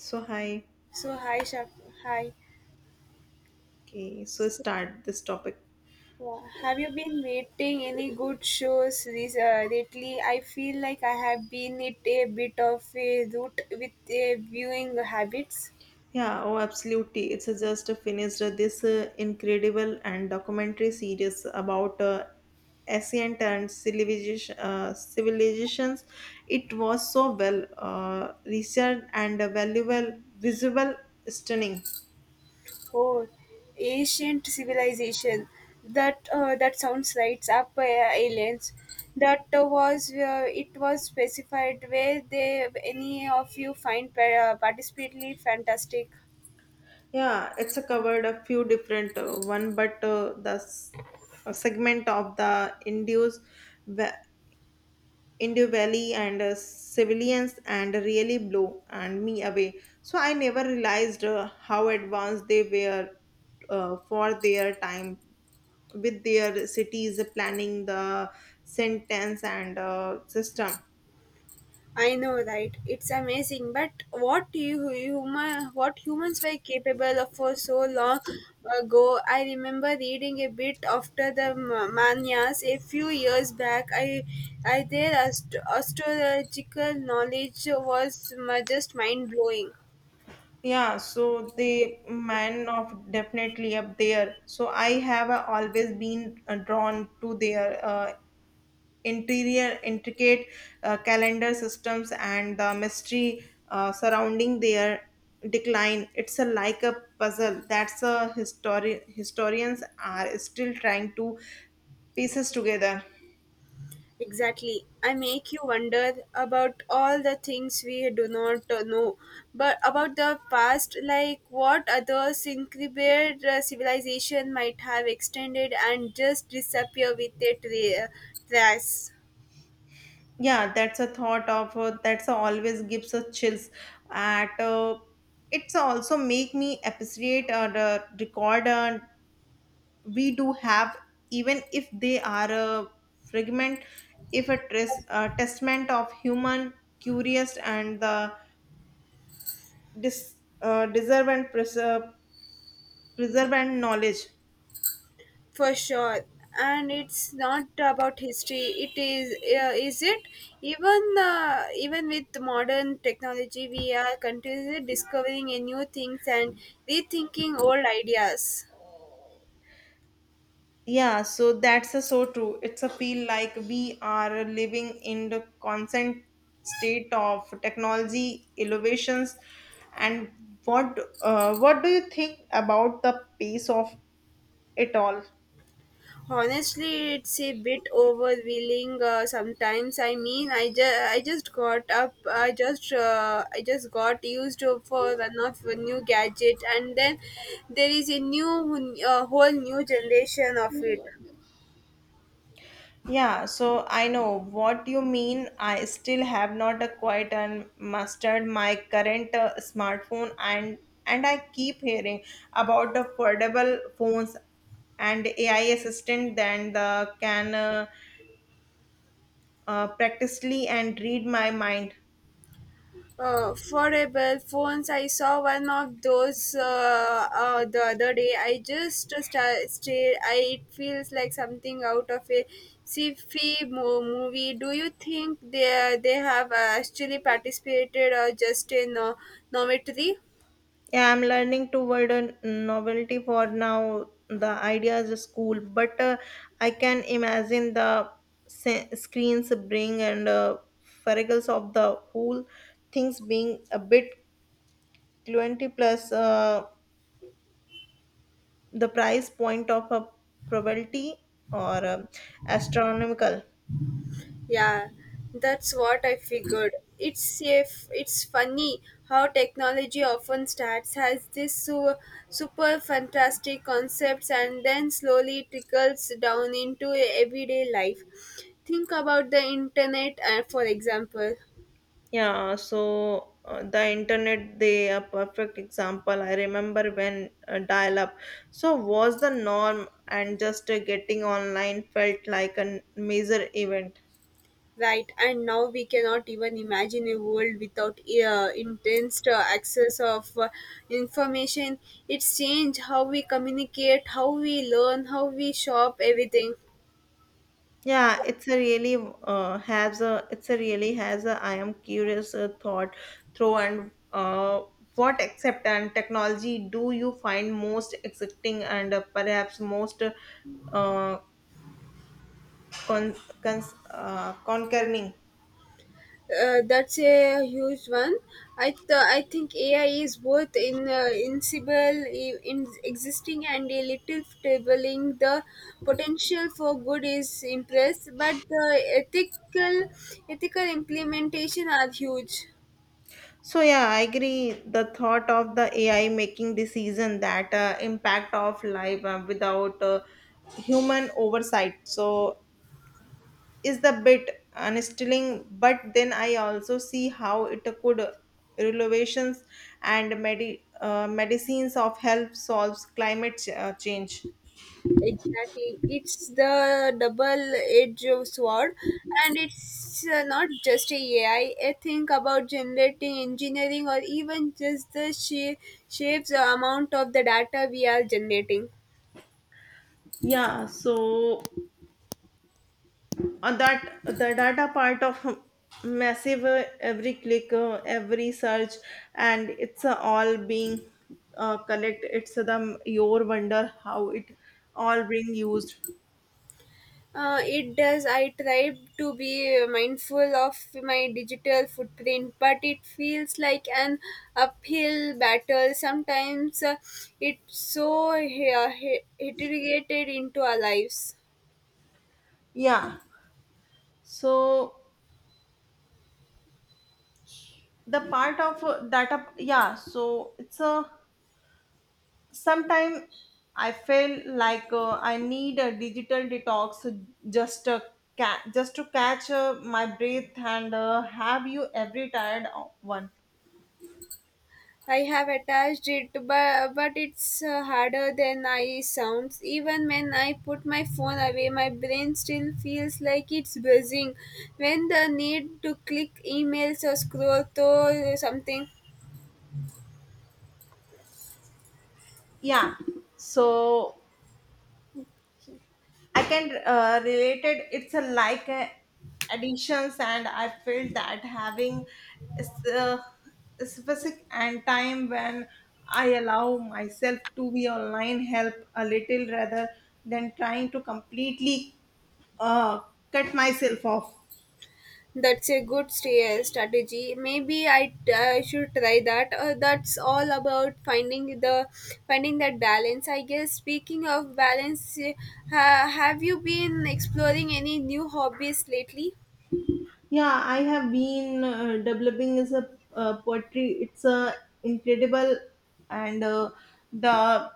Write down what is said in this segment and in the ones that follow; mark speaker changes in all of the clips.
Speaker 1: So hi,
Speaker 2: So hi, Shaf hi.
Speaker 1: okay. So start this topic.
Speaker 2: Have you been waiting any good shows this, lately? I feel like I have been it a bit of a root with a viewing habits.
Speaker 1: Yeah, oh, absolutely. It's just finished this incredible and documentary series about ancient and civilization, civilizations. It was so well researched and, valuable, visible, stunning.
Speaker 2: Oh, ancient civilization. That sounds right up aliens. That was it was specified where they any of you find particularly fantastic.
Speaker 1: Yeah, it's covered a few different one, but a segment of the Indus Indo Valley and civilians and really blow and me away. So I never realized how advanced they were for their time with their cities planning the sentence and system.
Speaker 2: I know, right? It's amazing. But what you human, what humans were capable of for so long ago. I remember reading a bit after the Mayas a few years back. I their astrological knowledge was just mind blowing.
Speaker 1: Yeah, so the man of definitely up there. So I have always been drawn to their, interior intricate calendar systems and the mystery surrounding their decline. It's a like a puzzle that's a historians are still trying to pieces together.
Speaker 2: Exactly. I make you wonder about all the things we do not know, but about the past, like what other incredible civilization might have extended and just disappear with their trace
Speaker 1: Yeah, that's a thought of that's a always gives a chills at, it's also make me appreciate the record, we do have, even if they are a fragment, if a, a testament of human curious and the dis, deserve and preserve and knowledge.
Speaker 2: for sure. And it's not about history. It is it? Even with modern technology, we are continuously discovering a new things and rethinking old ideas.
Speaker 1: Yeah, so that's a so true. It's a feel like we are living in the constant state of technology innovations, and what, what do you think about the pace of it all?
Speaker 2: Honestly, it's a bit overwhelming sometimes. I mean, I just got up. I just got used to for one of a new gadget, and then there is a new whole new generation of it.
Speaker 1: Yeah, so I know what you mean. I still have not acquired and mastered my current smartphone, and I keep hearing about the foldable phones and AI assistant then the can practically and read my mind.
Speaker 2: Foldable phones. I saw one of those the other day. I just stared. I, it feels like something out of a sci-fi movie. Do you think they have actually participated or just a novelty?
Speaker 1: Yeah, I'm learning toward a novelty for now. The idea is cool, but I can imagine the screens bring and freckles of the whole things being a bit 20 plus, the price point of a probability or astronomical.
Speaker 2: Yeah, that's what I figured. It's if it's funny how technology often starts has this super fantastic concepts and then slowly trickles down into e, everyday life. Think about the internet, for example,
Speaker 1: Yeah, so the internet, they are perfect example. I remember when dial-up, so was the norm, and just getting online felt like a major event.
Speaker 2: right? And now we cannot even imagine a world without intense access of information. It's changed how we communicate, how we learn, how we shop, everything.
Speaker 1: Yeah, it's a really has a I am curious thought through, and what accept and technology do you find most exciting, and perhaps most, con- concerning?
Speaker 2: That's a huge one. I think AI is both in inseparable, I- in existing, and a little tabling the potential for good is impressed, but the ethical ethical implementation are huge.
Speaker 1: So yeah, I agree. The thought of the AI making decision that impact of life without human oversight, so is the bit unsettling. But then I also see how it could innovations and medicines of health solves climate change.
Speaker 2: Exactly. It's the double edge of sword, and it's not just a AI. I think about generating engineering or even just the sheer, or amount of the data we are generating.
Speaker 1: Yeah, so. And that the data part of massive, every click, every search, and it's all being collect, it's the your wonder how it all being used.
Speaker 2: It does. I try to be mindful of my digital footprint, but it feels like an uphill battle. Sometimes it's so integrated into our lives.
Speaker 1: Yeah, so the part of data. Yeah, so it's a sometime I feel like I need a digital detox, just a just to catch my breath, and have you every tired one?
Speaker 2: I have attached it, but it's harder than I sounds. Even when I put my phone away, my brain still feels like it's buzzing. When the need to click emails or scroll through something,
Speaker 1: Yeah, so I can relate it. It's a like additions, and I feel that having, s- uh, specific and time when I allow myself to be online help a little rather than trying to completely uh, cut myself off.
Speaker 2: that's a good strategy. Maybe I should try that. That's all about finding that balance. I guess. Speaking of balance, have you been exploring any new hobbies lately?
Speaker 1: Yeah, I have been developing is a, poetry. It's a incredible, and the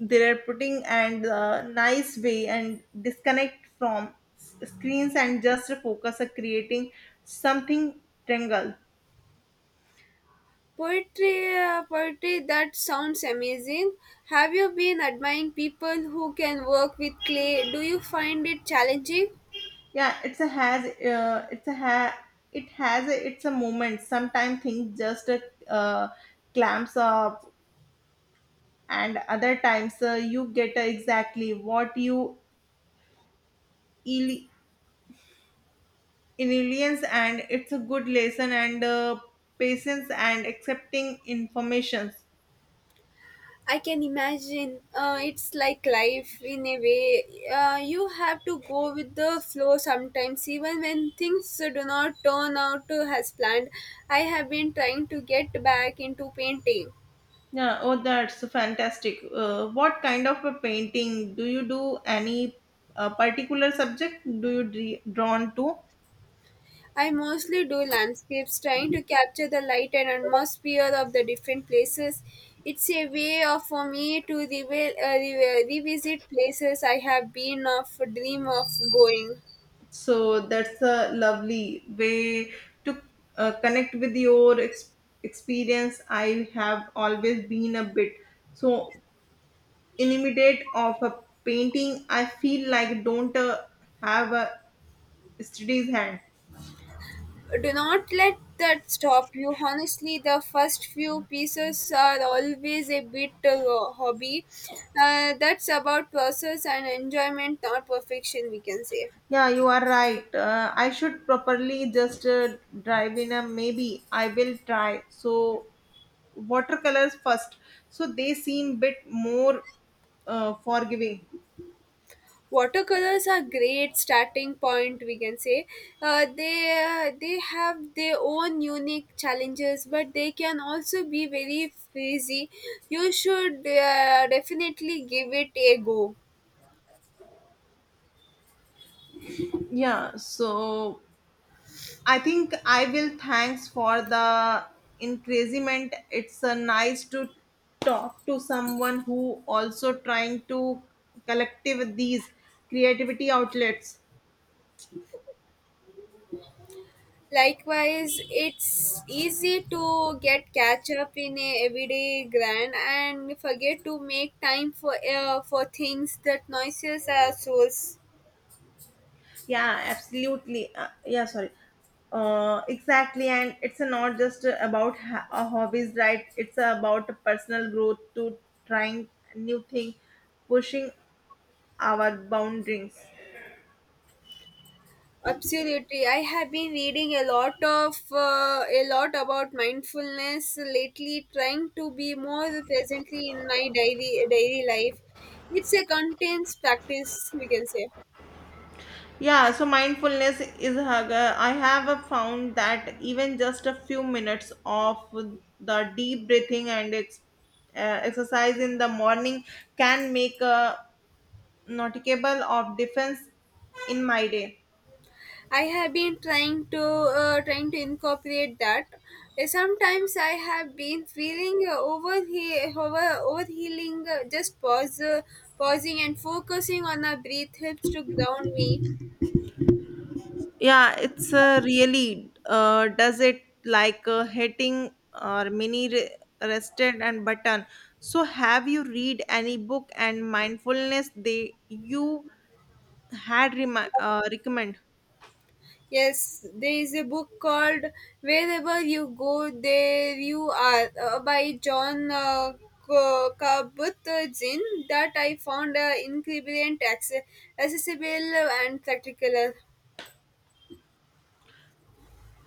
Speaker 1: they are putting and nice way and disconnect from screens and just focus on creating something tangled.
Speaker 2: Poetry, poetry, that sounds amazing. Have you been admiring people who can work with clay? Do you find it challenging?
Speaker 1: Yeah, it's a has it has a, it's a moment. Sometimes things just uh, clamps up, and other times you get exactly what you in aliens, and it's a good lesson, and patience and accepting informations.
Speaker 2: I can imagine. It's like life in a way. You have to go with the flow sometimes, even when things do not turn out as planned. I have been trying to get back into painting.
Speaker 1: Yeah, oh, that's fantastic. What kind of a painting do you do? Any particular subject do you drawn to?
Speaker 2: I mostly do landscapes, trying to capture the light and atmosphere of the different places. It's a way of for me to revisit places I have been of dream of going.
Speaker 1: So that's a lovely way to connect with your experience. I have always been a bit so intimidate of a painting. I feel like don't have a steady hand.
Speaker 2: Do not let that stop you. Honestly, the first few pieces are always a bit hobby. That's about process and enjoyment, not perfection. We can say.
Speaker 1: Yeah, you are right. I should properly just drive in a maybe. I will try. So, watercolors first. So, they seem bit more forgiving.
Speaker 2: Watercolors are great starting point we can say, they have their own unique challenges but they can also be very frizzy. You should definitely give it a go.
Speaker 1: Yeah, so I think I will. Thanks for the encouragement. It's nice to talk to someone who also trying to collective these creativity outlets.
Speaker 2: Likewise, it's easy to get catch up in a everyday grind and forget to make time for things that noises are source.
Speaker 1: Yeah, absolutely. Yeah, sorry. Exactly, and it's not just about, hobbies, right? It's about personal growth to trying new thing, pushing our boundaries.
Speaker 2: Absolutely. I have been reading a lot of a lot about mindfulness lately, trying to be more presently in my daily life. It's a continuous practice, we can say.
Speaker 1: Yeah, so mindfulness is I have found that even just a few minutes of the deep breathing and, exercise in the morning can make a noticeable of difference in my day.
Speaker 2: I have been trying to incorporate that. Sometimes I have been feeling over he over over healing. Just pausing and focusing on a breath helps to ground me.
Speaker 1: Yeah, it's really does it like hitting or mini rested and button. So, have you read any book and mindfulness they you had recommend?
Speaker 2: Yes, there is a book called Wherever You Go, There You Are by John Kabat-Zinn that I found incredibly accessible and practical.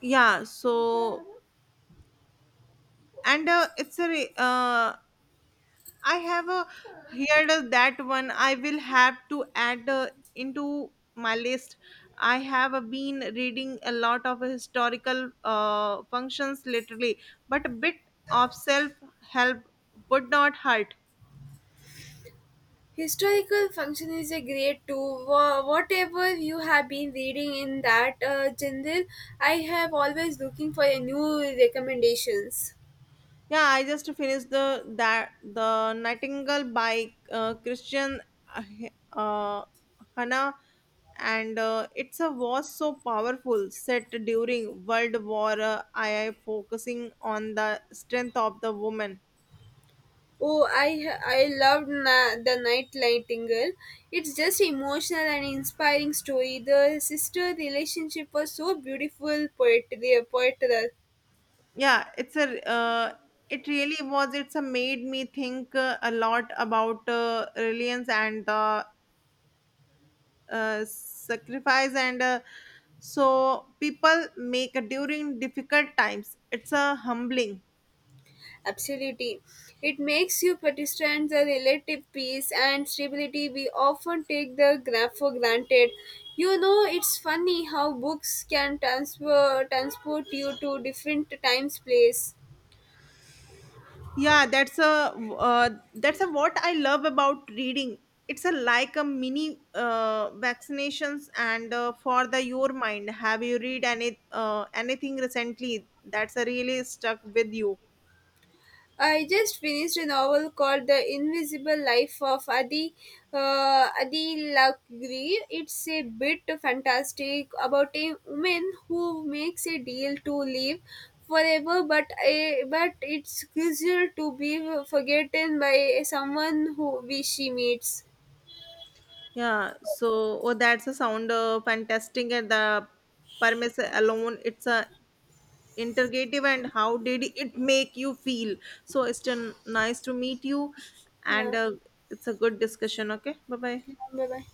Speaker 1: Yeah, so, and I have a here the- that one I will have to add into my list. I have been reading a lot of historical functions lately, but a bit of self help would not hurt.
Speaker 2: Historical function is a great too. Whatever you have been reading in that genre, I have always looking for a new recommendations.
Speaker 1: Yeah, I just finished the that the Nightingale by Christian uh, uh, Hannah, and it's a was so powerful set during World War II, focusing on the strength of the woman.
Speaker 2: Oh, I loved the Nightingale. It's just emotional and inspiring story. The sister relationship was so beautiful, poetry, poetry,
Speaker 1: Yeah, it's a it really was. It's a made me think a lot about reliance and the sacrifice and so people make during difficult times. It's a humbling.
Speaker 2: absolutely. It makes you understand the relative peace and stability we often take the for granted. You know, it's funny how books can transfer transport you to different times, place.
Speaker 1: Yeah, that's a what I love about reading. It's a like a mini vaccinations and for the your mind. Have you read any anything recently that's a really stuck with you?
Speaker 2: I just finished a novel called The Invisible Life of Adi Adi Lakri. It's a bit fantastic about a woman who makes a deal to live forever, but a, but it's crucial to be forgotten by someone who we she meets.
Speaker 1: Yeah, so oh, that's a sound fantastic, and the premise alone it's a interrogative. And how did it make you feel? So it's been nice to meet you, and
Speaker 2: Yeah.
Speaker 1: it's a good discussion. Okay, bye bye.
Speaker 2: Bye bye.